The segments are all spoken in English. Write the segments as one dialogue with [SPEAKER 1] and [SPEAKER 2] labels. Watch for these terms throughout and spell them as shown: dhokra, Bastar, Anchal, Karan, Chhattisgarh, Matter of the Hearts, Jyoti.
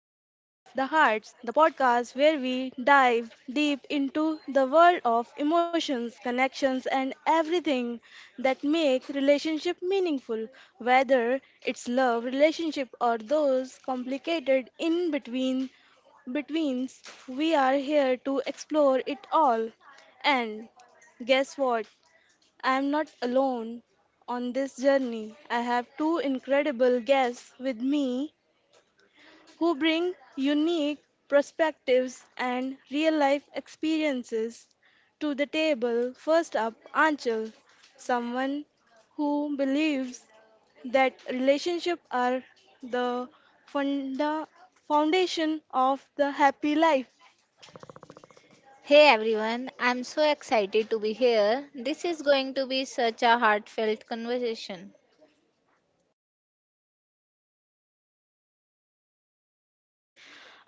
[SPEAKER 1] of the Hearts, the podcast where we dive deep into the world of emotions, connections, and everything that make relationship meaningful, whether it's love relationship or those complicated in between betweens. We are here to explore it all. And guess what? I am not alone on this journey. I have two incredible guests with me who bring unique perspectives and real life experiences to the table. First up, Anchal, someone who believes that relationships are the funda- foundation of the happy life.
[SPEAKER 2] Hey everyone, I'm so excited to be here. This is going to be such a heartfelt conversation.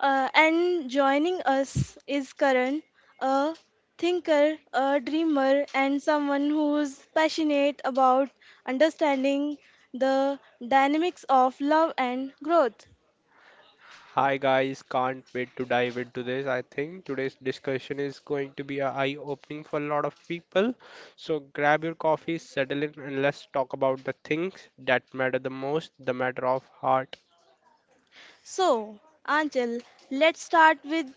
[SPEAKER 1] And joining us is Karan, a thinker, a dreamer, and someone who's passionate about understanding the dynamics of love and growth.
[SPEAKER 3] Hi guys, can't wait to dive into this. I think today's discussion is going to be eye opening for a lot of people. So grab your coffee, settle in, and let's talk about the things that matter the most, the matter of heart.
[SPEAKER 1] So, Anchal, let's start with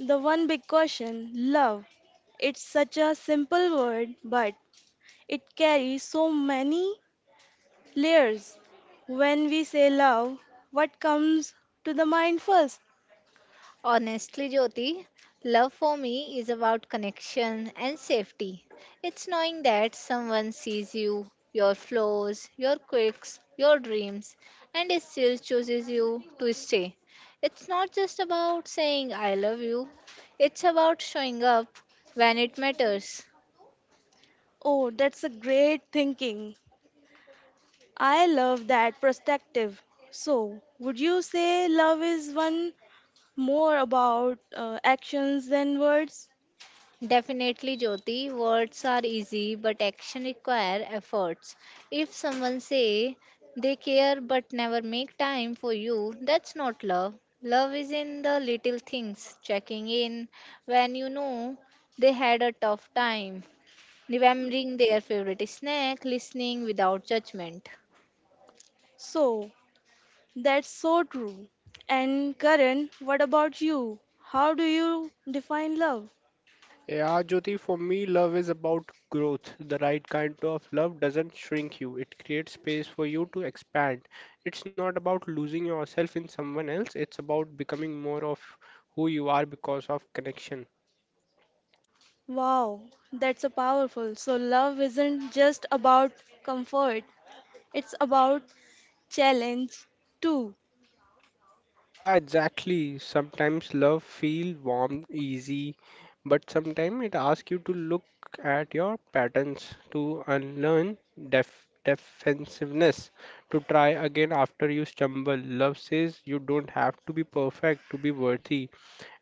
[SPEAKER 1] the one big question love. It's such a simple word, but it carries so many layers. When we say love, what comes to the mind first?
[SPEAKER 2] Honestly, Jyoti, love for me is about connection and safety. It's knowing that someone sees you, your flaws, your quirks, your dreams, and it still chooses you to stay. It's not just about saying I love you, it's about showing up when it matters.
[SPEAKER 1] Oh, that's a great thinking. I love that perspective. So, would you say love is one more about actions than words?
[SPEAKER 2] Definitely, Jyoti. Words are easy, but action require efforts. If someone say they care but never make time for you, that's not love. Love is in the little things, checking in when you know they had a tough time, remembering their favorite snack, listening without judgment.
[SPEAKER 1] So, that's so true. And Karan, what about you? How do you define love?
[SPEAKER 3] Yeah, Jyoti, for me, love is about growth. The right kind of love doesn't shrink you, it creates space for you to expand. It's not about losing yourself in someone else, it's about becoming more of who you are because of connection.
[SPEAKER 1] Wow, that's a powerful. So, love isn't just about comfort, it's about challenge too.
[SPEAKER 3] Yeah, exactly. Sometimes love feel warm, easy, but sometimes it asks you to look at your patterns to unlearn defensiveness, to try again after you stumble. Love says you don't have to be perfect to be worthy,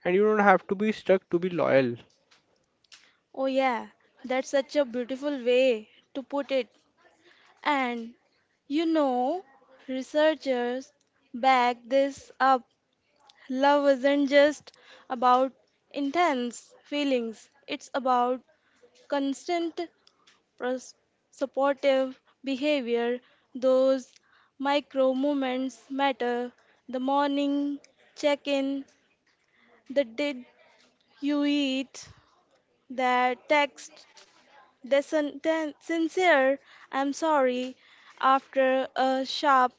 [SPEAKER 3] and you don't have to be stuck to be loyal.
[SPEAKER 1] Oh, yeah, that's such a beautiful way to put it. And you know, researchers back this up. Love isn't just about intense feelings, it's about constant pros- supportive behavior. Those micro moments matter. The morning check in, the did you eat, the text, the sincere I'm sorry after a sharp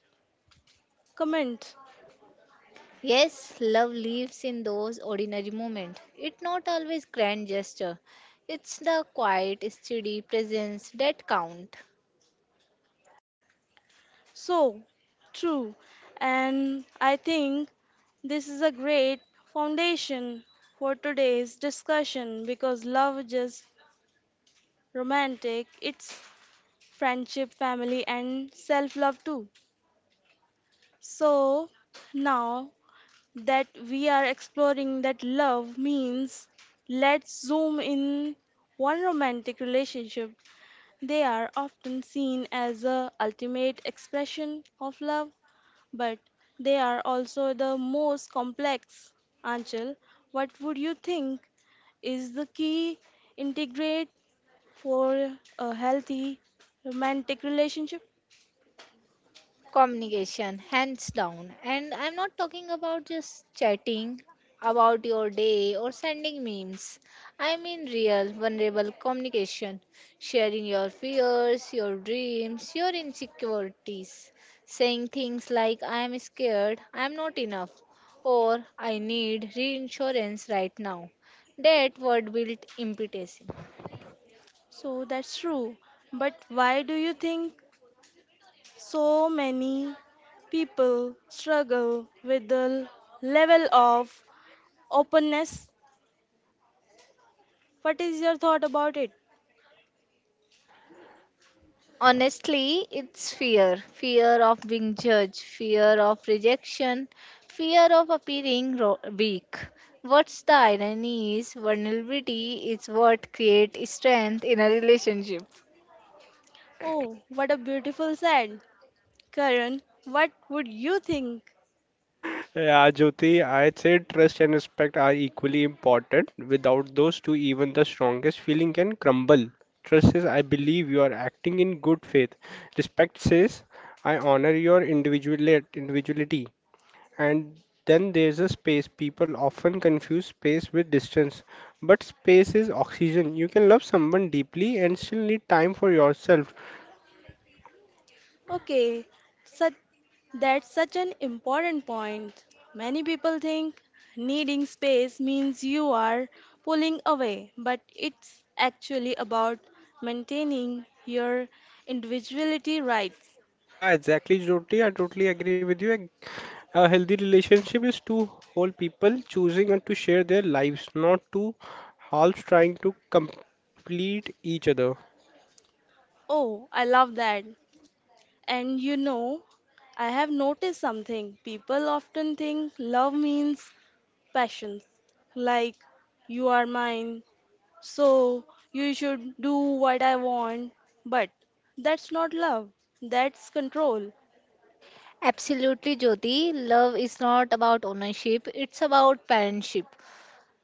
[SPEAKER 1] comment.
[SPEAKER 2] Yes, love lives in those ordinary moments. It's not always grand gesture. It's the quiet, steady presence that count.
[SPEAKER 1] So true. And I think this is a great foundation for today's discussion because love just romantic, it's friendship, family, and self love too. So now that we are exploring that love means, let's zoom in one romantic relationship. They are often seen as a ultimate expression of love but they are also the most complex. Anchal, what would you think is the key integrate for a healthy romantic relationship?
[SPEAKER 2] Communication, hands down. And I'm not talking about just chatting about your day or sending memes. I mean real vulnerable communication, sharing your fears, your dreams, your insecurities, saying things like I am scared, I am not enough, or I need reinsurance right now. That word built impetus.
[SPEAKER 1] So that's true. But why do you think so many people struggle with the level of openness? What is your thought about it?
[SPEAKER 2] Honestly, it's fear of being judged, fear of rejection, fear of appearing weak. What's the irony is vulnerability is what creates strength in a relationship.
[SPEAKER 1] Oh, what a beautiful said. Karan, what would you think?
[SPEAKER 3] Yeah, Jyoti, I'd say trust and respect are equally important. Without those two, even the strongest feeling can crumble. Trust says, I believe you are acting in good faith. Respect says, I honor your individuality. And then there's a space. People often confuse space with distance. But space is oxygen. You can love someone deeply and still need time for yourself.
[SPEAKER 1] Okay, such, that's such an important point. Many people think needing space means you are pulling away, but it's actually about maintaining your individuality rights.
[SPEAKER 3] Yeah, exactly, Jyoti. I totally agree with you. And a healthy relationship is two whole people choosing and to share their lives, not two halves trying to complete each other.
[SPEAKER 1] Oh, I love that. And you know, I have noticed something. People often think love means passions, like you are mine, so you should do what I want. But that's not love, that's control.
[SPEAKER 2] Absolutely, Jyoti. Love is not about ownership, it's about parentship.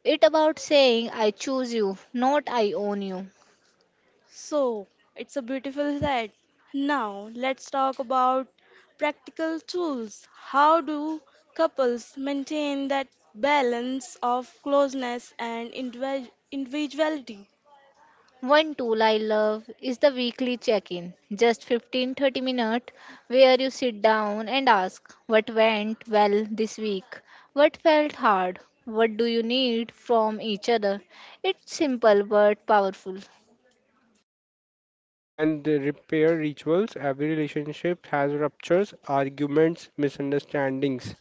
[SPEAKER 2] It's about saying, I choose you, not I own you.
[SPEAKER 1] So it's a beautiful set. Now let's talk about practical tools. How do couples maintain that balance of closeness and individuality?
[SPEAKER 2] One tool I love is the weekly check in, just 15 30 minutes, where you sit down and ask what went well this week, what felt hard, what do you need from each other. It's simple but powerful.
[SPEAKER 3] Ah, and the repair rituals. Every relationship has ruptures, arguments, misunderstandings.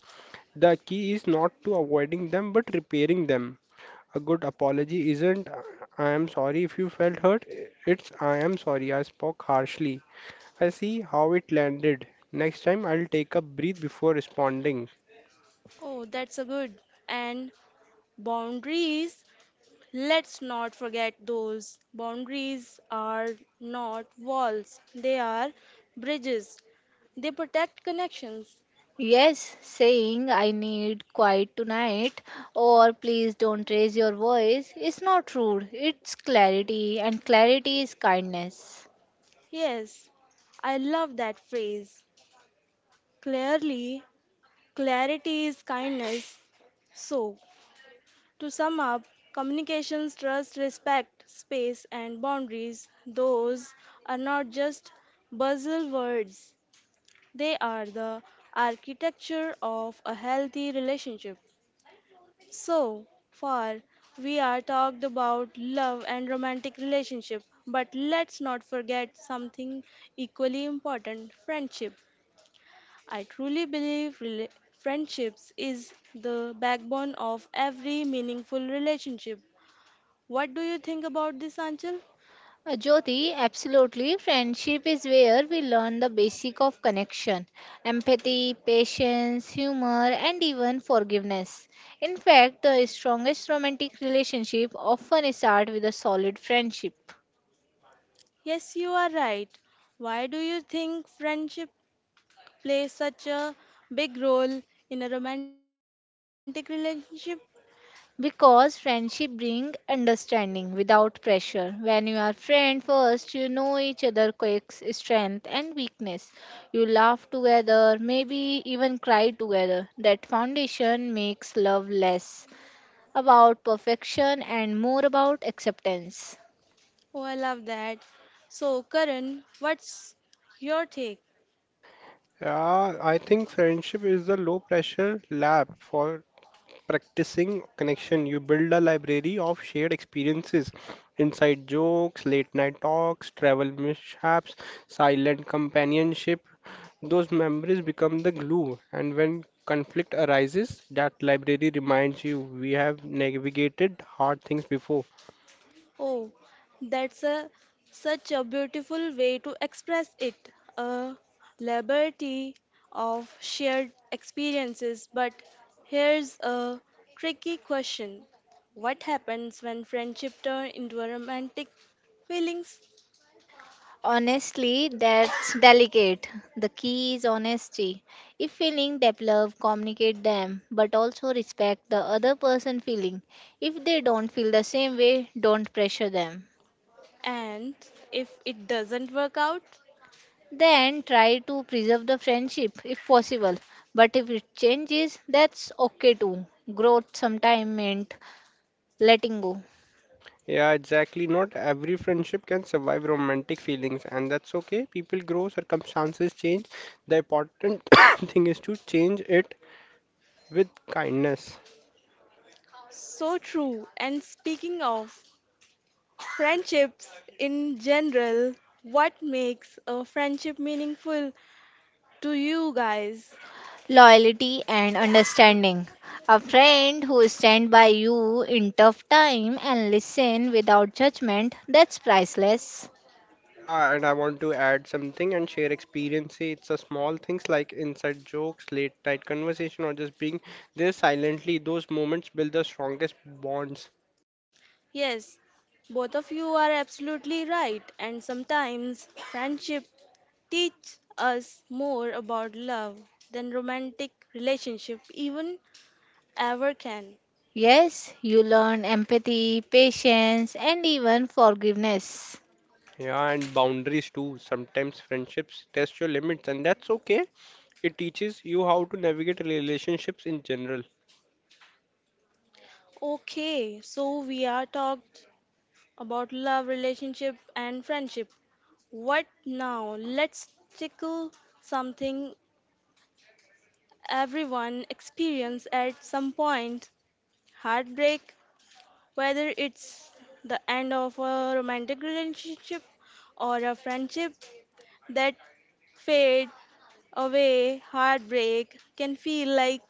[SPEAKER 3] The key is not to avoiding them, but repairing them. A good apology isn't "I am sorry if you felt hurt." It's "I am sorry I spoke harshly. I see how it landed. Next time I'll take a breath before responding."
[SPEAKER 1] Oh, that's a good. And boundaries. Let's not forget those boundaries are not walls, they are bridges. They protect connections.
[SPEAKER 2] Yes, saying I need quiet tonight or please don't raise your voice is not rude, it's clarity, and clarity is kindness.
[SPEAKER 1] Yes, I love that phrase. Clearly, clarity is kindness. So, to sum up, communications, trust, respect, space, and boundaries, those are not just buzzwords, they are the architecture of a healthy relationship. So far, we are talked about love and romantic relationship, but let's not forget something equally important, friendship. I truly believe friendships is the backbone of every meaningful relationship. What do you think about this, Anchal?
[SPEAKER 2] Jyoti, absolutely. Friendship is where we learn the basic of connection, empathy, patience, humor, and even forgiveness. In fact, the strongest romantic relationship often start with a solid friendship.
[SPEAKER 1] Yes, you are right. Why do you think friendship plays such a big role in a romantic relationship?
[SPEAKER 2] Because friendship bring understanding without pressure. When you are friend first, you know each other quirks, strength and weakness. You laugh together, maybe even cry together. That foundation makes love less about perfection and more about acceptance.
[SPEAKER 1] Oh, I love that. So, Karan, what's your take?
[SPEAKER 3] I think friendship is the low pressure lab for practicing connection. You build a library of shared experiences, inside jokes, late night talks, travel mishaps, silent companionship. Those memories become the glue, and when conflict arises, that library reminds you we have navigated hard things before.
[SPEAKER 1] Oh, that's a such a beautiful way to express it. A liberty of shared experiences. But here's a tricky question. What happens when friendship turn into a romantic feelings?
[SPEAKER 2] Honestly, that's delicate. The key is honesty. If feeling develop, communicate them, but also respect the other person feeling. If they don't feel the same way, don't pressure them.
[SPEAKER 1] And if it doesn't work out?
[SPEAKER 2] Then try to preserve the friendship if possible. But if it changes, that's okay too. Growth sometimes meant letting go.
[SPEAKER 3] Yeah, exactly. Not every friendship can survive romantic feelings, and that's okay. People grow, circumstances change. The important thing is to change it with kindness.
[SPEAKER 1] So true. And speaking of friendships in general, what makes a friendship meaningful to you guys?
[SPEAKER 2] Loyalty and understanding. A friend who stands by you in tough time and listen without judgment, that's priceless.
[SPEAKER 3] Yeah, and I want to add something and share experience. See, it's a small things like inside jokes, late night conversation, or just being there silently. Those moments build the strongest bonds.
[SPEAKER 1] Yes, both of you are absolutely right, and sometimes friendship teach us more about love than romantic relationship even ever can.
[SPEAKER 2] Yes, you learn empathy, patience, and even forgiveness.
[SPEAKER 3] Yeah, and boundaries too. Sometimes friendships test your limits, and that's okay. It teaches you how to navigate relationships in general.
[SPEAKER 1] Okay, so we are talked about love, relationship and friendship. What now? Let's tickle something. Everyone experience at some point heartbreak, whether it's the end of a romantic relationship or a friendship that fade away. Heartbreak can feel like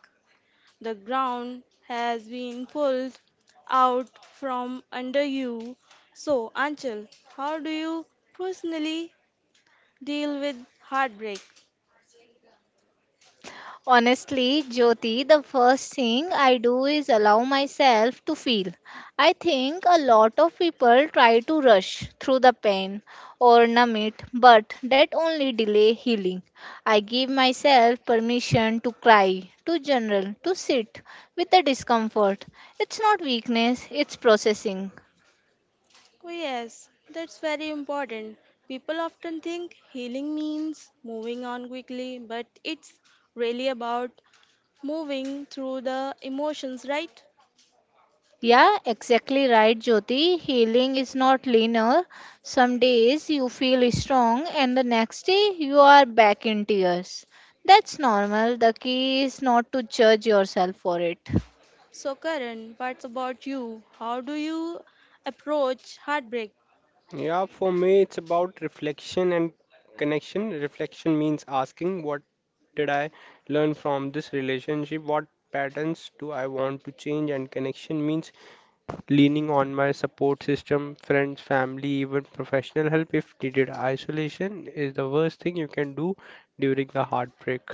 [SPEAKER 1] the ground has been pulled out from under you. So, Anchal, how do you personally deal with heartbreak?
[SPEAKER 2] Honestly, Jyoti, the first thing I do is allow myself to feel. I think a lot of people try to rush through the pain or numb it, but that only delay healing. I give myself permission to cry, to journal, to sit with the discomfort. It's not weakness, it's processing.
[SPEAKER 1] Oh, yes, that's very important. People often think healing means moving on quickly, but it's really about moving through the emotions, right?
[SPEAKER 2] Yeah, exactly right, Jyoti. Healing is not linear. Some days you feel strong, and the next day you are back in tears. That's normal. The key is not to judge yourself for it.
[SPEAKER 1] So, Karan, what's about you? How do you approach heartbreak?
[SPEAKER 3] Yeah, for me, it's about reflection and connection. Reflection means asking, what did I learn from this relationship? What patterns do I want to change? And connection means leaning on my support system, friends, family, even professional help if needed. Isolation is the worst thing you can do during the heartbreak.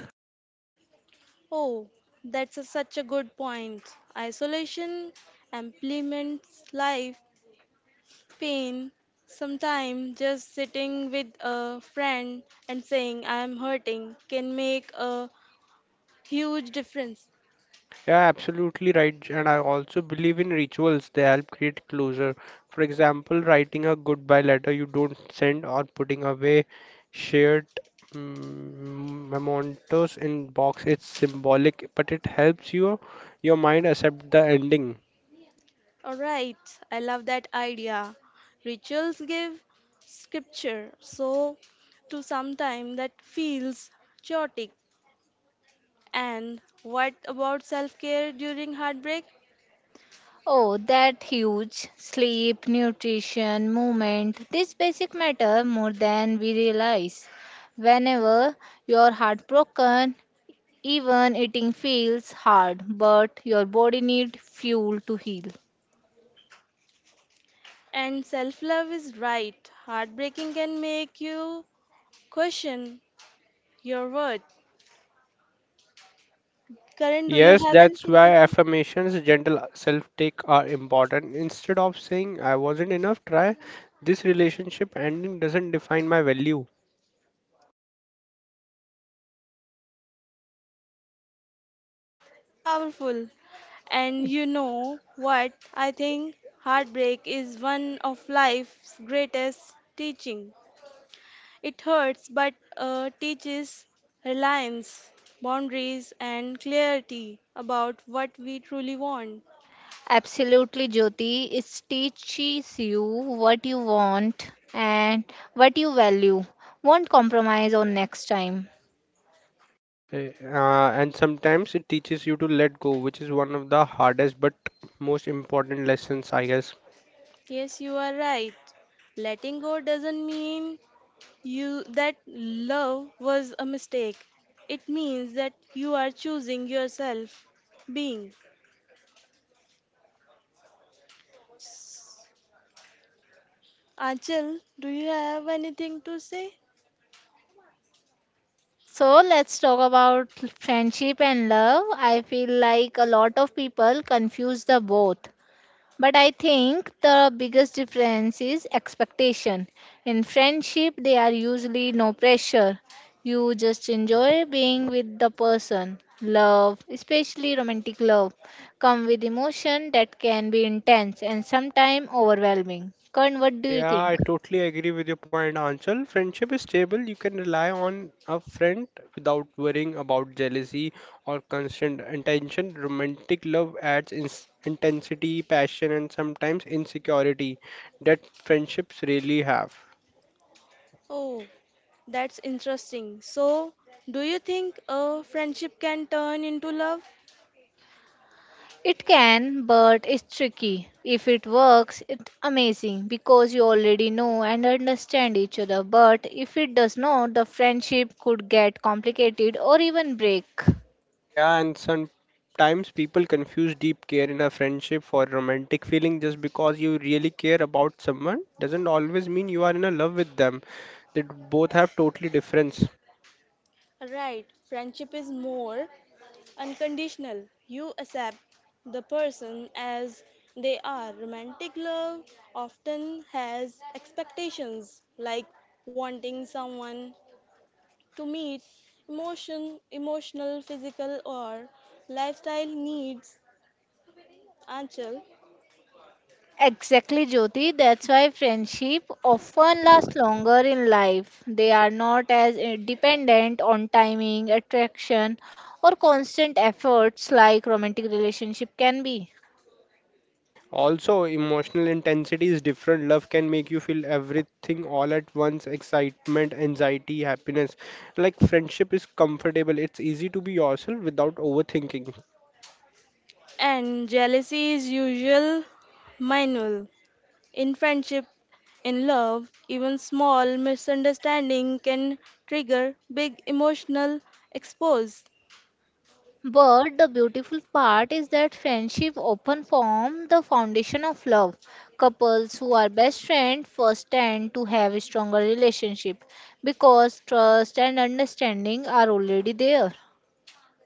[SPEAKER 1] Oh, that's such a good point. Isolation implements life, pain, sometimes just sitting with a friend and saying, I'm hurting, can make a huge difference.
[SPEAKER 3] Yeah, absolutely right. And I also believe in rituals. They help create closure. For example, writing a goodbye letter you don't send or putting away shared mementos in box. It's symbolic, but it helps you your mind accept the ending.
[SPEAKER 1] All right, I love that idea. Rituals give scripture, so to sometime that feels chaotic. And what about self-care during heartbreak?
[SPEAKER 2] Oh, that huge. Sleep, nutrition, movement. These basic matter more than we realize. Whenever you're heartbroken, even eating feels hard, but your body need fuel to heal.
[SPEAKER 1] And self-love is right. Heartbreaking can make you question your worth. Karen, do
[SPEAKER 3] Yes,
[SPEAKER 1] you have
[SPEAKER 3] that's
[SPEAKER 1] anything
[SPEAKER 3] why
[SPEAKER 1] to say?
[SPEAKER 3] affirmations, gentle self-take are important. Instead of saying I wasn't enough, try this relationship ending doesn't define my value.
[SPEAKER 1] It's a powerful. And you know what? I think heartbreak is one of life's greatest teaching. It hurts, but teaches reliance, boundaries, and clarity about what we truly want.
[SPEAKER 2] Absolutely, Jyoti. It teaches you what you want and what you value. Won't compromise on next time.
[SPEAKER 3] And sometimes it teaches you to let go, which is one of the hardest but most important lessons, I guess.
[SPEAKER 1] Yes, you are right. Letting go doesn't mean you that love was a mistake. It means that you are choosing yourself being. Anchal, do you have anything to say?
[SPEAKER 2] So let's talk about friendship and love. I feel like a lot of people confuse the both. But I think the biggest difference is expectation. In friendship, there are usually no pressure. You just enjoy being with the person. Love, especially romantic love, come with emotion that can be intense and sometimes overwhelming. Karan, what do you
[SPEAKER 3] Yeah,
[SPEAKER 2] think?
[SPEAKER 3] I totally agree with your point, Anshul. Friendship is stable. You can rely on a friend without worrying about jealousy or constant attention. Romantic love adds ins intensity, passion, and sometimes insecurity that friendships really have.
[SPEAKER 1] Oh, that's interesting. So, do you think a friendship can turn into love?
[SPEAKER 2] It can, but it's tricky. If it works, it's amazing because you already know and understand each other. But if it does not, the friendship could get complicated or even break.
[SPEAKER 3] Yeah, and sometimes people confuse deep care in a friendship for romantic feeling just because you really care about someone doesn't always mean you are in a love with them. Both have totally difference.
[SPEAKER 1] Right, friendship is more unconditional. You accept the person as they are. Romantic love often has expectations like wanting someone to meet emotional, physical or lifestyle needs. Anchal.
[SPEAKER 2] Exactly, Jyoti. That's why friendship often lasts longer in life. They are not as dependent on timing, attraction, or constant efforts like romantic relationship can be.
[SPEAKER 3] Also, emotional intensity is different. Love can make you feel everything all at once, excitement, anxiety, happiness. Like friendship is comfortable. It's easy to be yourself without overthinking.
[SPEAKER 1] And jealousy is usual manual. In friendship, in love, even small misunderstanding can trigger big emotional expose.
[SPEAKER 2] But the beautiful part is that friendship often form the foundation of love. Couples who are best friends first tend to have a stronger relationship because trust and understanding are already there.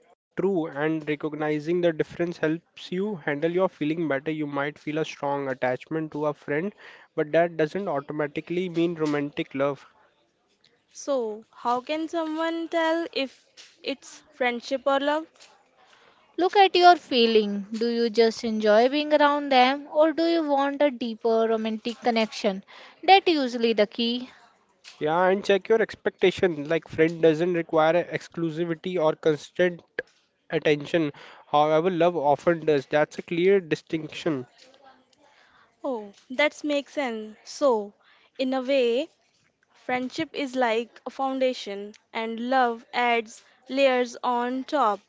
[SPEAKER 3] Are true, and recognizing the difference helps you handle your feeling better. You might feel a strong attachment to a friend, but that doesn't automatically mean romantic love.
[SPEAKER 1] So, how can someone tell if it's friendship or love?
[SPEAKER 2] Look at your feeling. Do you just enjoy being around them or do you want a deeper romantic connection? That usually the key.
[SPEAKER 3] Yeah, and check your expectation. Like, friend doesn't require a exclusivity or constant attention. However, love often does. That's a clear distinction.
[SPEAKER 1] Oh, that makes sense. So, in a way, friendship is like a foundation and love adds layers on top.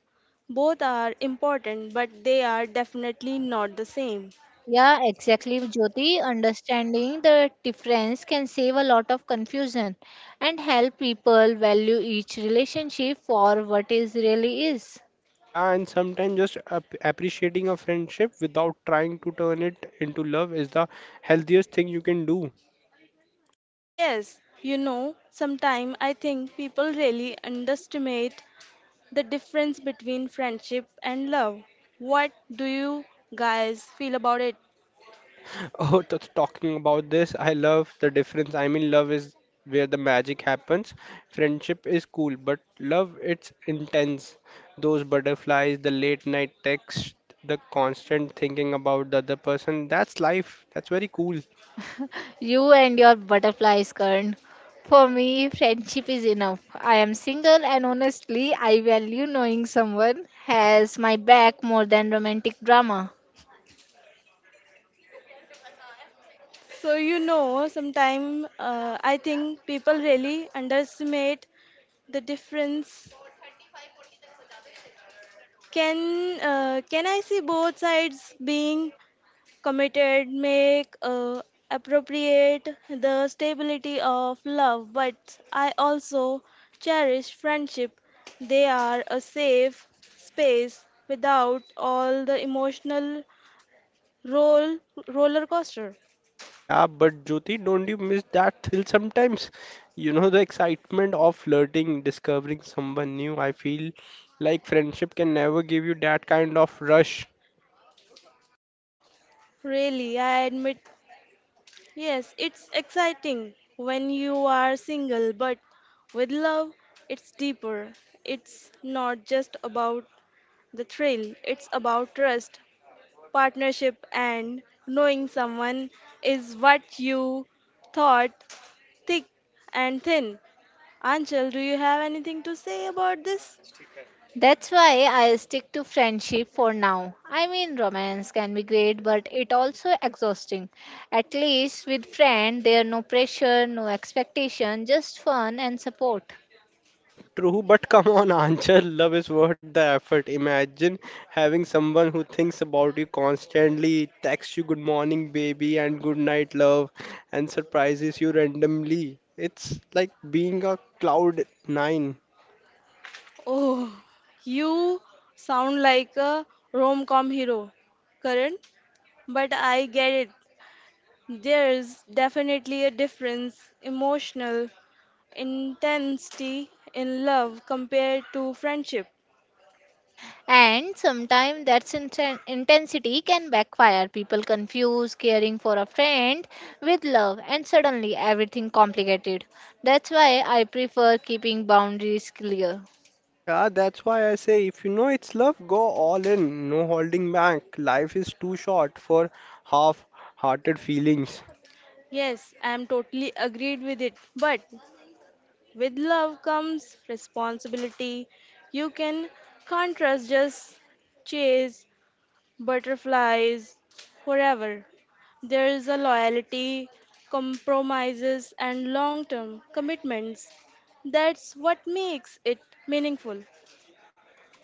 [SPEAKER 1] Both are important, but they are definitely not the same.
[SPEAKER 2] Yeah, exactly, Jyoti. Understanding the difference can save a lot of confusion and help people value each relationship for what it really is.
[SPEAKER 3] Yeah, and sometimes just appreciating a friendship without trying to turn it into love is the healthiest thing you can do.
[SPEAKER 1] Yes, you know, sometimes I think people really underestimate the difference between friendship and love. What do you guys feel about it?
[SPEAKER 3] Uh, Oh, talking about this, I love the difference. I mean, love is where the magic happens. Friendship is cool, but love, it's intense. Those butterflies, the late night text, the constant thinking about the other person, that's life. That's very cool.
[SPEAKER 2] You and your butterflies, Karan. For me, friendship is enough. I am single and honestly, I value knowing someone has my back more than romantic drama.
[SPEAKER 1] So, you know, sometimes I think people really underestimate the difference. Can I see both sides? Being committed make appropriate the stability of love, but I also cherish friendship. They are a safe space without all the emotional roll roller coaster.
[SPEAKER 3] Yeah, but Jyoti, don't you miss that thrill sometimes? You know, the excitement of flirting, discovering someone new. I feel like friendship can never give you that kind of rush.
[SPEAKER 1] Really, I admit, yes, it's exciting when you are single, but with love, it's deeper. It's not just about the thrill, it's about trust, partnership, and knowing someone is what you thought thick and thin. Anchal, do you have anything to say about this?
[SPEAKER 2] That's why I stick to friendship for now. I mean, romance can be great, but it also exhausting. At least with friend, there no pressure, no expectation, just fun and support.
[SPEAKER 3] Ah, true, but come on, Anchal, love is worth the effort. Imagine having someone who thinks about you constantly, texts you good morning, baby, and good night, love, and surprises you randomly. It's like being a cloud nine.
[SPEAKER 1] Oh, you sound like a rom com hero, Karan, but I get it. There is definitely a difference emotional intensity in love compared to friendship.
[SPEAKER 2] And sometimes that's intensity can backfire. People confuse caring for a friend with love, and suddenly everything complicated. That's why I prefer keeping boundaries clear.
[SPEAKER 3] Yeah, that's why I say if you know it's love, go all in, no holding back. Life is too short for half-hearted feelings.
[SPEAKER 1] Yes, I am totally agreed with it. But with love comes responsibility. You can't trust just chase butterflies forever. There is a loyalty, compromises, and long term commitments. That's what makes it meaningful.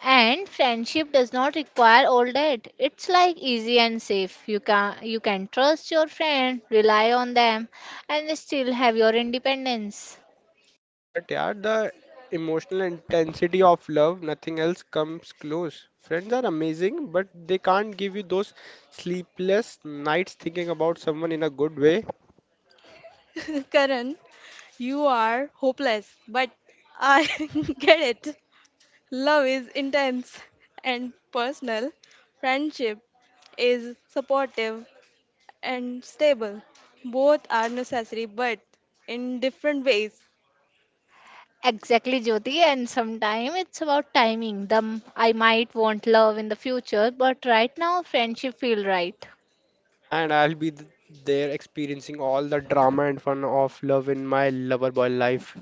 [SPEAKER 2] And friendship does not require all that. It's like easy and safe. You can trust your friend, rely on them, and still have your independence.
[SPEAKER 3] But yeah, the emotional intensity of love, nothing else comes close. Friends are amazing, but they can't give you those sleepless nights thinking about someone in a good way.
[SPEAKER 1] Karan, you are hopeless, but I get it. Love is intense and personal. Friendship is supportive and stable. Both are necessary, but in different ways.
[SPEAKER 2] Exactly, Jyoti. And sometimes it's about timing. I might want love in the future, but right now friendship feel right.
[SPEAKER 3] And I'll there experiencing all the drama and fun of love in my lover boy life.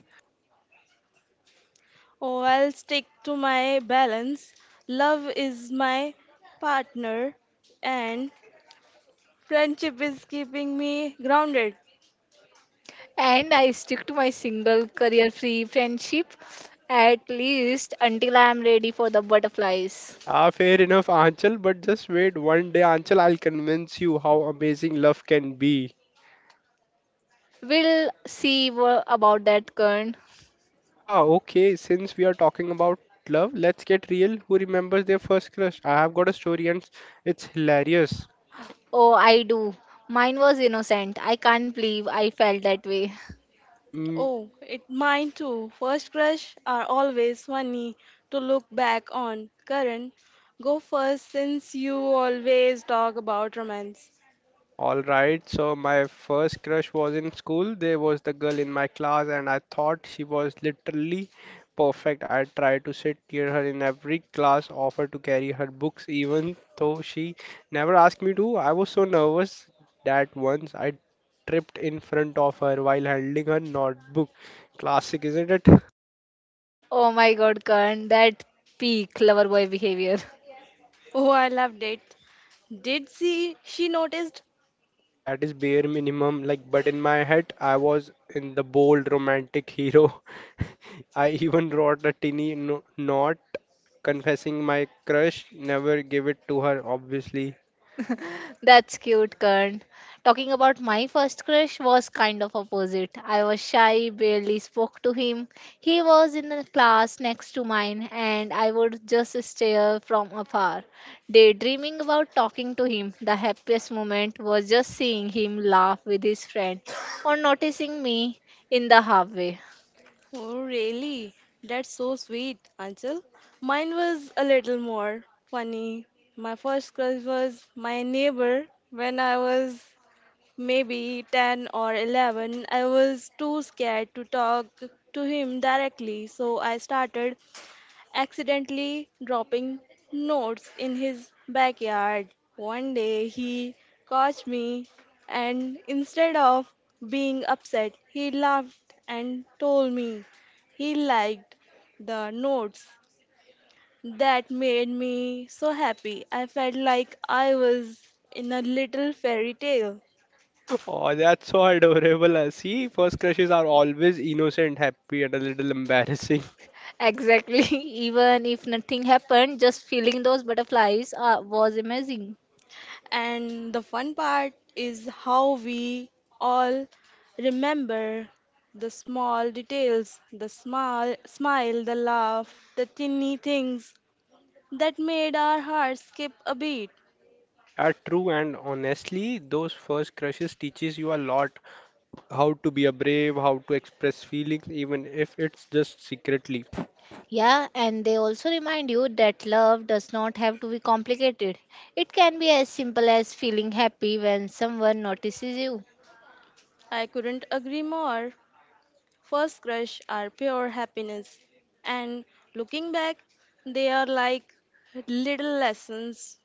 [SPEAKER 1] Oh, I'll stick to my balance. Love is my partner, and friendship is keeping me grounded.
[SPEAKER 2] And I stick to my single career-free friendship at least until I am ready for the butterflies.
[SPEAKER 3] Ah, fair enough, Anchal, but just wait one day, Anchal, I'll convince you how amazing love can be.
[SPEAKER 2] We'll see about that, Kern.
[SPEAKER 3] Yeah, okay. Since we are talking about love, let's get real. Who remembers their first crush? I have got a story and it's hilarious.
[SPEAKER 2] Oh, I do. Mine was innocent. I can't believe I felt that way.
[SPEAKER 3] Mm,
[SPEAKER 1] Oh, it mine too. First crush are always funny to look back on. Karan, go first since you always talk about romance.
[SPEAKER 3] all right, so my first crush was in school. There was the girl in my class, and I thought she was literally perfect. I tried to sit near her in every class, offered to carry her books, even though she never asked me to. I was so nervous that once I tripped in front of her while handling her notebook. Classic, isn't it?
[SPEAKER 2] Oh my God, Karan, that peak lover boy behavior.
[SPEAKER 1] Oh, I loved it. Did she noticed?
[SPEAKER 3] That is bare minimum. Like, but in my head, I was in the bold romantic hero. I even wrote a tiny no note confessing my crush. Never give it to her, obviously.
[SPEAKER 2] That's cute, Kern. Talking about my first crush was kind of opposite. I was shy, barely spoke to him. He was in the class next to mine, and I would just stare from afar, daydreaming about talking to him. The happiest moment was just seeing him laugh with his friend or noticing me in the halfway.
[SPEAKER 1] Oh, really? That's so sweet, Anchal. Mine was a little more funny. My first crush was my neighbor when I was maybe 10 or 11. I was too scared to talk to him directly, so I started accidentally dropping notes in his backyard. One day he caught me, and instead of being upset, he laughed and told me he liked the notes. That made me so happy. I felt like I was in a little fairy tale.
[SPEAKER 3] Oh, that's so adorable. See, first crushes are always innocent, happy, and a little embarrassing.
[SPEAKER 2] Exactly, even if nothing happened, just feeling those butterflies was amazing.
[SPEAKER 1] And the fun part is how we all remember the small details, the small smile, the laugh, the tiny things that made our hearts skip a beat.
[SPEAKER 3] Are true, and honestly, those first crushes teaches you a lot. How to be a brave, how to express feelings, even if it's just secretly.
[SPEAKER 2] Yeah, and they also remind you that love does not have to be complicated. It can be as simple as feeling happy when someone notices you.
[SPEAKER 1] I couldn't agree more. First crush are pure happiness. And looking back, they are like little lessons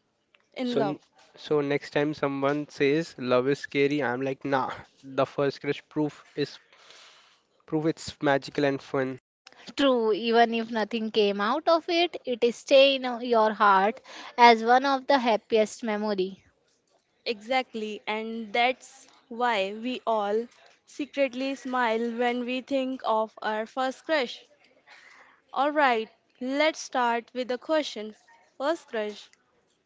[SPEAKER 1] in
[SPEAKER 3] So,
[SPEAKER 1] love.
[SPEAKER 3] so next time someone says love is scary, I'm like, nah. The first crush proof is proof it's magical and fun.
[SPEAKER 2] True, even if nothing came out of it, it stays in your heart as one of the happiest memory.
[SPEAKER 1] Exactly, and that's why we all secretly smile when we think of our first crush. Alright, let's start with the question. First crush,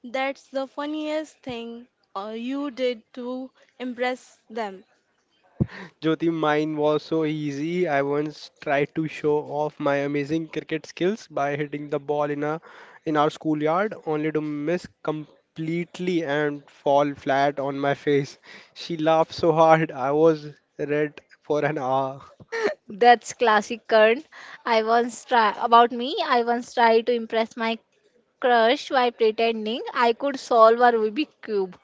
[SPEAKER 1] that's the funniest thing you did to impress them.
[SPEAKER 3] Jyoti, mine was so easy. I once tried to show off my amazing cricket skills by hitting the ball in a in our schoolyard, only to miss completely and fall flat on my face. She laughed so hard, I was red for an hour.
[SPEAKER 2] That's classic Karan. I once try about me. I once tried to impress my crush by pretending I could solve a Rubik cube.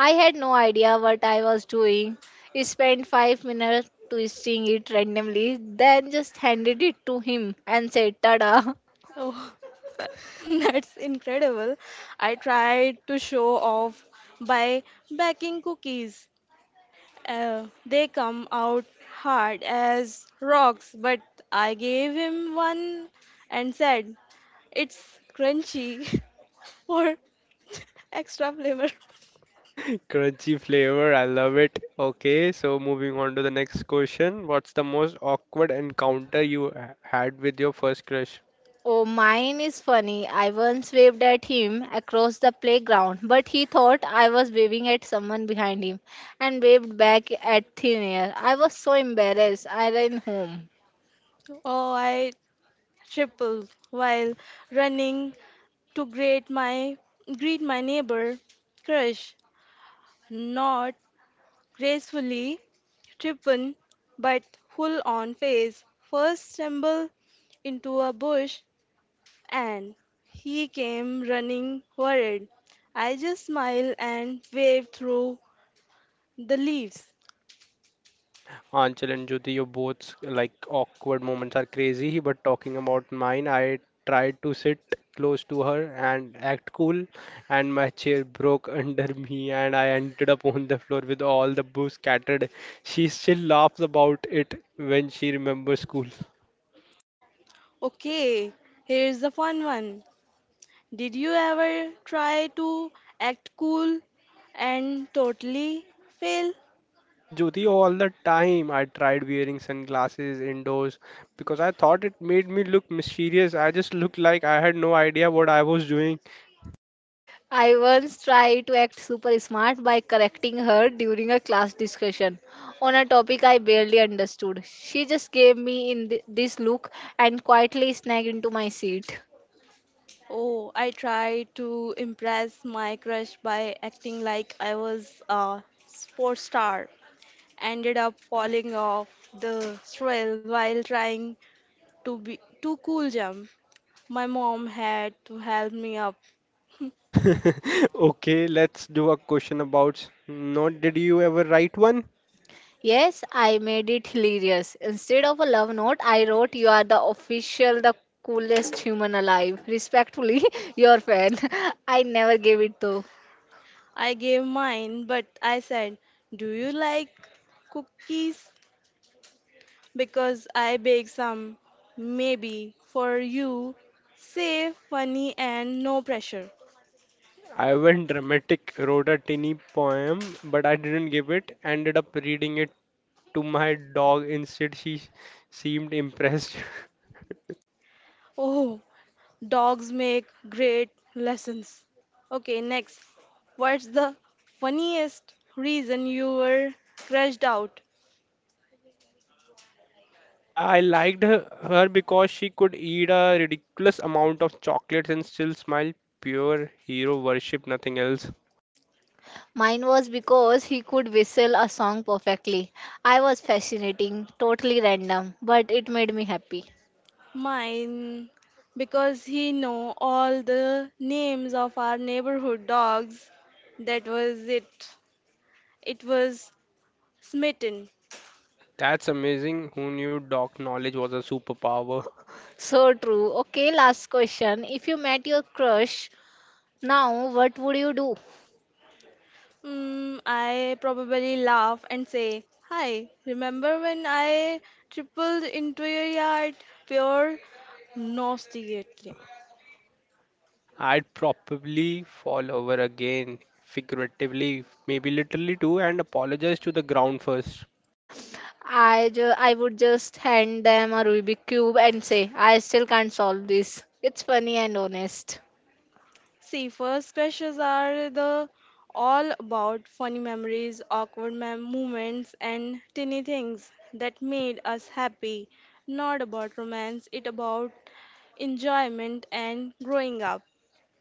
[SPEAKER 2] I had no idea what I was doing. I spent 5 minutes twisting it randomly, then just handed it to him and said, "Tada!"
[SPEAKER 1] Oh, that's incredible. I tried to show off by baking cookies. They come out hard as rocks, but I gave him one and said, It's crunchy for extra flavor.
[SPEAKER 3] Crunchy flavor, I love it. Okay, so moving on to the next question. What's the most awkward encounter you had with your first crush?
[SPEAKER 2] Oh, mine is funny. I once waved at him across the playground, but he thought I was waving at someone behind him and waved back at thin air. I was so embarrassed. I ran home.
[SPEAKER 1] Oh, I tripled while running to greet my neighbor crush, not gracefully tripping, but full on face. First stumble into a bush and he came running worried. I just smiled and waved through the leaves.
[SPEAKER 3] Anchal and Jyoti, your both like awkward moments are crazy, but talking about mine, I tried to sit close to her and act cool, and my chair broke under me, and I ended up on the floor with all the booze scattered. She still laughs about it when she remembers school.
[SPEAKER 1] Okay, here's the fun one. Did you ever try to act cool and totally fail?
[SPEAKER 3] Yeah, Jyoti, all the time I tried wearing sunglasses indoors because I thought it made me look mysterious. I just looked like I had no idea what I was doing.
[SPEAKER 2] I once tried to act super smart by correcting her during a class discussion on a topic I barely understood. She just gave me in this look and quietly snagged into my seat.
[SPEAKER 1] Oh, I tried to impress my crush by acting like I was a sports star. Ended up falling off the trail while trying to be too cool jump. My mom had to help me up.
[SPEAKER 3] Okay, let's do a question about not did you ever write one?
[SPEAKER 2] Yes, I made it hilarious. Instead of a love note, I wrote, "You are the official, the coolest human alive. Respectfully, your fan." I never gave it though.
[SPEAKER 1] I gave mine, but I said, Do you like cookies? Because I bake some, maybe for you. Safe, funny, and no pressure.
[SPEAKER 3] I went dramatic, wrote a tiny poem, but I didn't give it. Ended up reading it to my dog instead. She seemed impressed.
[SPEAKER 1] Oh, dogs make great lessons. Okay, next. What's the funniest reason you were crashed out?
[SPEAKER 3] Yeah, I liked her, because she could eat a ridiculous amount of chocolates and still smile. Pure hero worship, nothing else.
[SPEAKER 2] Mine was because he could whistle a song perfectly. I was fascinating, totally random, but it made me happy.
[SPEAKER 1] Mine, because he know all the names of our neighborhood dogs. That was it. It was smitten.
[SPEAKER 3] That's amazing. Who knew dog knowledge was a superpower?
[SPEAKER 2] So true. Okay, last question. If you met your crush now, what would you do?
[SPEAKER 1] I probably laugh and say, "Hi, remember when I tripled into your yard?" Pure nostalgia.
[SPEAKER 3] I'd probably fall over again, figuratively, maybe literally too, and apologize to the ground first.
[SPEAKER 2] I would just hand them a Rubik cube and say, I still can't solve this. It's funny and honest.
[SPEAKER 1] See, first crushes are the all about funny memories, moments, and tiny things that made us happy. Not about romance, it about enjoyment and growing up.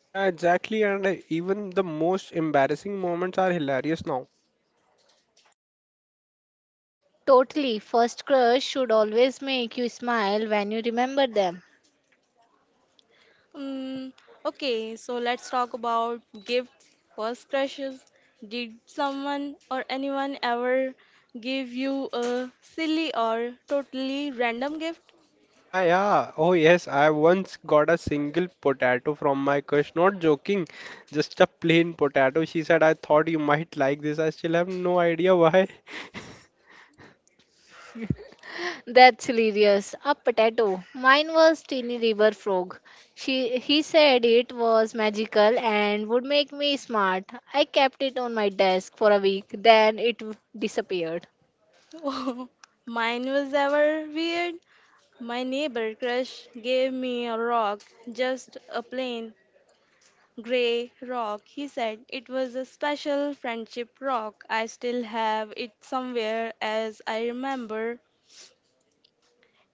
[SPEAKER 3] Yeah, exactly. And even the most embarrassing moments are hilarious now.
[SPEAKER 2] Totally. First crush should always make you smile when you remember them.
[SPEAKER 1] Mm, okay, so let's talk about gifts. First crushes. Did someone or anyone ever give you a silly or totally random gift?
[SPEAKER 3] Yeah, yeah. Oh, yes. I once got a single potato from my crush. Not joking, just a plain potato. She said, I thought you might like this. I still have no idea why.
[SPEAKER 2] That's hilarious. A potato. Mine was Teeny River Frog. She he said it was magical and would make me smart. I kept it on my desk for a week, then it disappeared.
[SPEAKER 1] Mine was ever weird. My neighbor crush gave me a rock, just a plain gray rock. He said it was a special friendship rock. I still have it somewhere as I remember.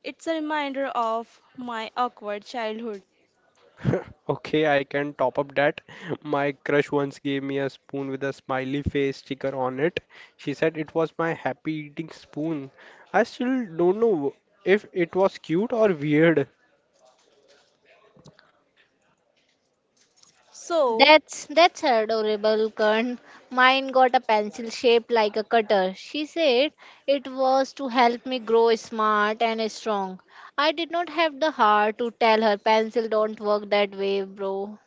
[SPEAKER 1] It's a reminder of my awkward childhood.
[SPEAKER 3] Okay, I can top up that. My crush once gave me a spoon with a smiley face sticker on it. She said it was my happy eating spoon. I still don't know if it was cute or weird.
[SPEAKER 1] So,
[SPEAKER 2] That's adorable, Kern. Mine got a pencil shaped like a cutter. She said it was to help me grow smart and strong. I did not have the heart to tell her pencil don't work that way, bro.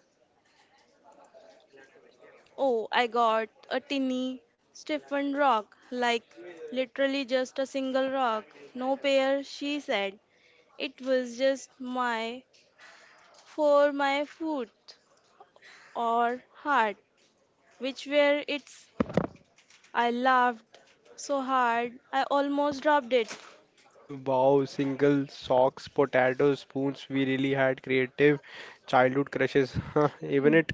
[SPEAKER 1] oh, I got a tiny stiffened rock, like literally just a single rock. No pair, she said. It was just my for my foot or heart. Which were it's I laughed so hard I almost dropped it.
[SPEAKER 3] Wow, single socks, potatoes, spoons. We really had creative childhood crushes. Huh, even it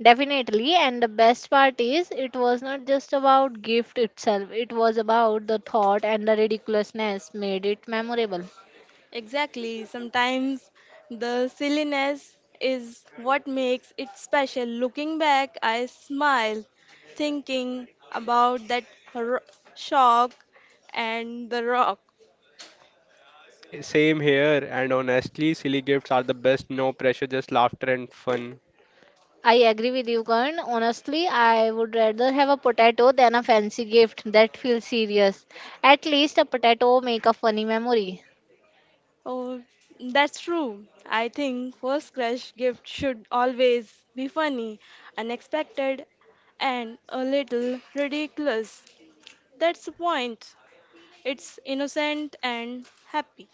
[SPEAKER 2] Definitely, and the best part is it was not just about gift itself. It was about the thought and the ridiculousness made it memorable.
[SPEAKER 1] Exactly. Sometimes the silliness is what makes it special. Looking back, I smile thinking about that ro- shock and the rock.
[SPEAKER 3] say same here. And honestly, silly gifts are the best. No pressure, just laughter and fun.
[SPEAKER 2] I agree with you, Karan. Honestly, I would rather have a potato than a fancy gift that feels serious. At least a potato make a funny memory.
[SPEAKER 1] Oh, that's true. I think first crush gift should always be funny, unexpected, and a little ridiculous. That's the point. It's innocent and happy.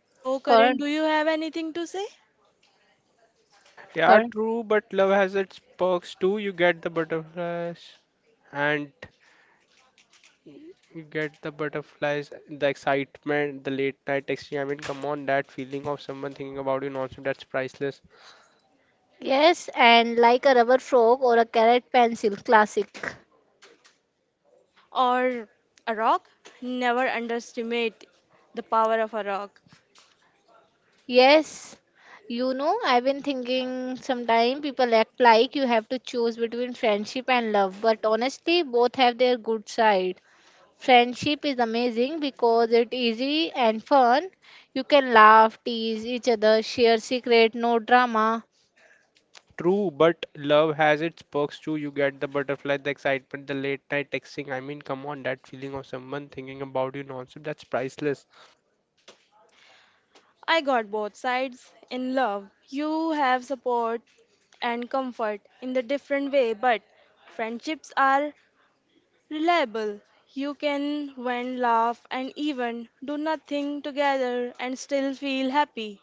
[SPEAKER 1] So, Karan,
[SPEAKER 2] Karan,
[SPEAKER 1] do you have anything to say?
[SPEAKER 3] Yeah,
[SPEAKER 2] Karan.
[SPEAKER 3] true, but love has its perks too. You get the butterflies and you get the butterflies, the excitement, the late night texting. I mean, come on, that feeling of someone thinking about you nonstop, that's priceless.
[SPEAKER 2] Yes, and like a rubber frog or a carrot pencil, classic.
[SPEAKER 1] Or a rock? Never underestimate the power of a rock.
[SPEAKER 2] Yes, I've been thinking sometime people act like you have to choose between friendship and love, but honestly, both have their good side. Friendship is amazing because it's easy and fun. You can laugh, tease each other, share secret, no drama.
[SPEAKER 3] True, but love has its perks too. You get the butterfly, the excitement, the late night texting. I mean, come on, that feeling of someone thinking about you nonstop, that's priceless.
[SPEAKER 1] I got both sides in love. You have support and comfort in the different way, but friendships are reliable. You can when laugh and even do nothing together and still feel happy.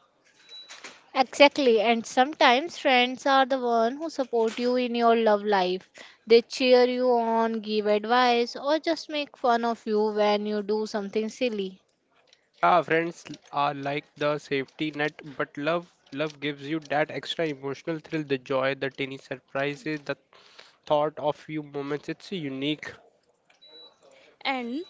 [SPEAKER 2] Exactly, and sometimes friends are the one who support you in your love life. They cheer you on, give advice, or just make fun of you when you do something silly.
[SPEAKER 3] Yeah, friends are like the safety net, but love gives you that extra emotional thrill, the joy, the tiny surprises, the thought of few moments. It's unique.
[SPEAKER 1] And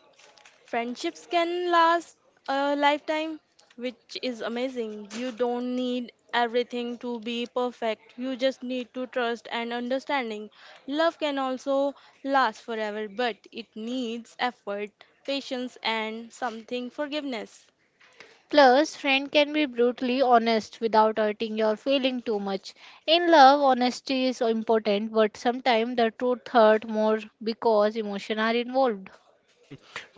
[SPEAKER 1] friendships can last a lifetime, which is amazing. You don't need everything to be perfect. You just need to trust and understanding. Love can also last forever, but it needs effort, patience, and something forgiveness.
[SPEAKER 2] Plus, friend can be brutally honest without hurting your feeling too much. In love, honesty is important, but sometimes the truth hurt more because emotions are involved.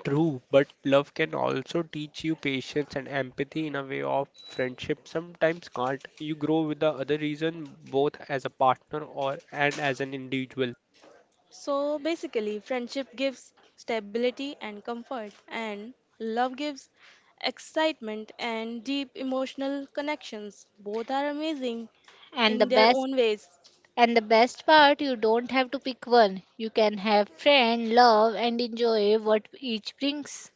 [SPEAKER 3] True, but love can also teach you patience and empathy in a way of friendship sometimes can't. You grow with the other reason both as a partner or and as an individual.
[SPEAKER 1] So basically, friendship gives stability and comfort, and love gives excitement and deep emotional connections. Both are amazing
[SPEAKER 2] And the
[SPEAKER 1] in their
[SPEAKER 2] best
[SPEAKER 1] own ways.
[SPEAKER 2] and the best part, you don't have to pick one. You can have friend, love, and enjoy what each brings.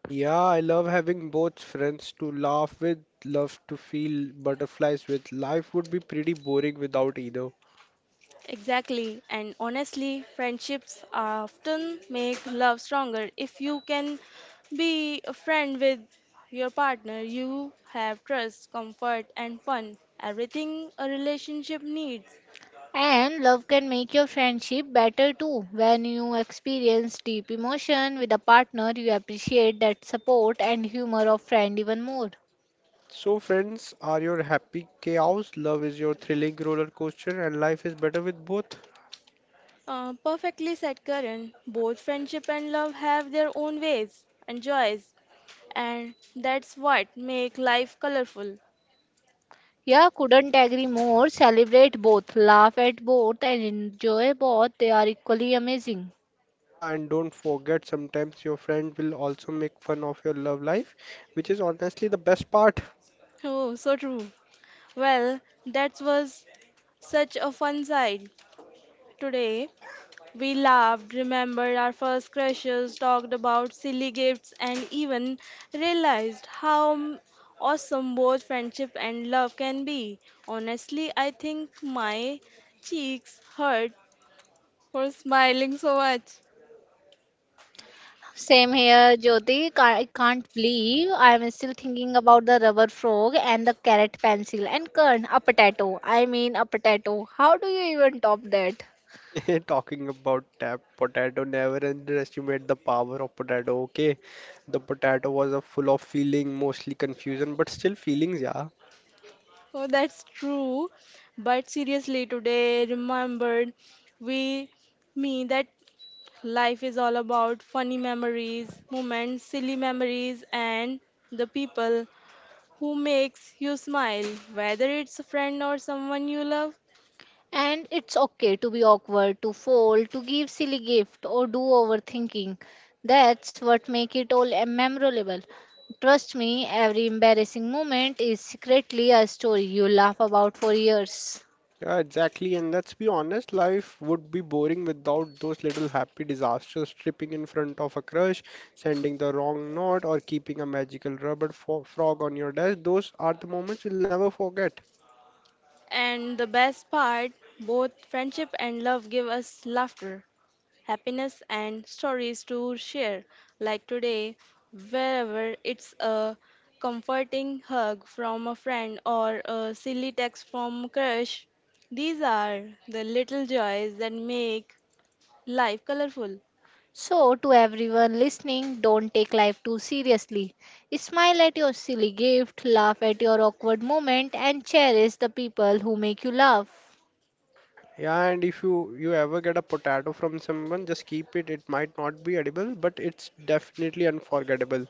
[SPEAKER 3] Yeah, I love having both friends to laugh with, love to feel butterflies with. Life would be pretty boring without either.
[SPEAKER 1] Exactly, and honestly, friendships often make love stronger. If you can be a friend with your partner, you have trust, comfort, and fun. Everything a relationship needs.
[SPEAKER 2] And love can make your friendship better too. When you experience deep emotion with a partner, you appreciate that support and humor of friend even more.
[SPEAKER 3] So, friends are your happy chaos, love is your thrilling roller coaster, and life is better with both.
[SPEAKER 1] Perfectly said Karan, both friendship and love have their own ways and joys, and that's what make life colorful.
[SPEAKER 2] Yeah, couldn't agree more. Celebrate both, laugh at both, and enjoy both. They are equally amazing.
[SPEAKER 3] Yeah, and don't forget, sometimes your friend will also make fun of your love life, which is honestly the best part.
[SPEAKER 1] Oh, so true. Well, that was such a fun side today. We laughed, remembered our first crushes, talked about silly gifts, and even realized awesome both friendship and love can be. Honestly, I think my cheeks hurt for smiling so much.
[SPEAKER 2] Same here, Jyoti. I can't believe I am still thinking about the rubber frog and the carrot pencil and Kern, a potato. I mean, a potato. How do you even top that?
[SPEAKER 3] Talking about tap potato, never underestimate the power of potato, okay? The potato was a full of feeling, mostly confusion, but still feelings, yeah.
[SPEAKER 1] Oh, that's true. But seriously, today remembered we me that life is all about funny memories, moments, silly memories, and the people who makes you smile, whether it's a friend or someone you love.
[SPEAKER 2] And it's okay to be awkward, to fold, to give silly gift or do overthinking. That's what make it all a memorable. Trust me, every embarrassing moment is secretly a story you laugh about for years.
[SPEAKER 3] Yeah, exactly. And let's be honest, life would be boring without those little happy disasters, tripping in front of a crush, sending the wrong note, or keeping a magical rubber fo frog on your desk. Those are the moments you'll never forget.
[SPEAKER 1] And the best part, both friendship and love give us laughter, happiness, and stories to share, like today, wherever it's a comforting hug from a friend or a silly text from crush. These are the little joys that make life colorful.
[SPEAKER 2] So, to everyone listening, don't take life too seriously. Smile at your silly gift, laugh at your awkward moment, and cherish the people who make you laugh.
[SPEAKER 3] Yeah, and if you ever get a potato from someone, just keep it. It might not be edible, but it's definitely unforgettable.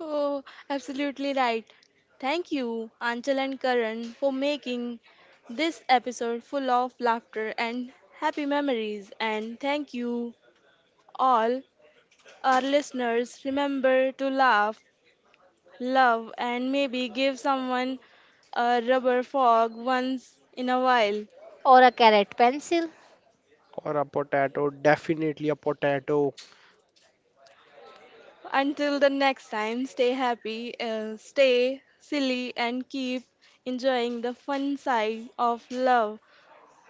[SPEAKER 1] Oh, absolutely right. Thank you, Anchal and Karan, for making this episode full of laughter and happy memories. And thank you, all our listeners. Remember to laugh, love, and maybe give someone a rubber frog once in a while.
[SPEAKER 2] Or a carrot pencil.
[SPEAKER 3] Or a potato, definitely a potato.
[SPEAKER 1] Until the next time, stay happy, stay silly, and keep enjoying the fun side of love.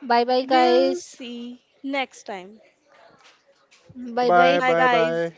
[SPEAKER 2] Bye bye,
[SPEAKER 1] We'll
[SPEAKER 2] guys.
[SPEAKER 1] see next time.
[SPEAKER 3] Okay, bye
[SPEAKER 2] Bye bye.
[SPEAKER 3] bye,
[SPEAKER 1] Bye,
[SPEAKER 3] bye
[SPEAKER 1] guys.
[SPEAKER 3] bye.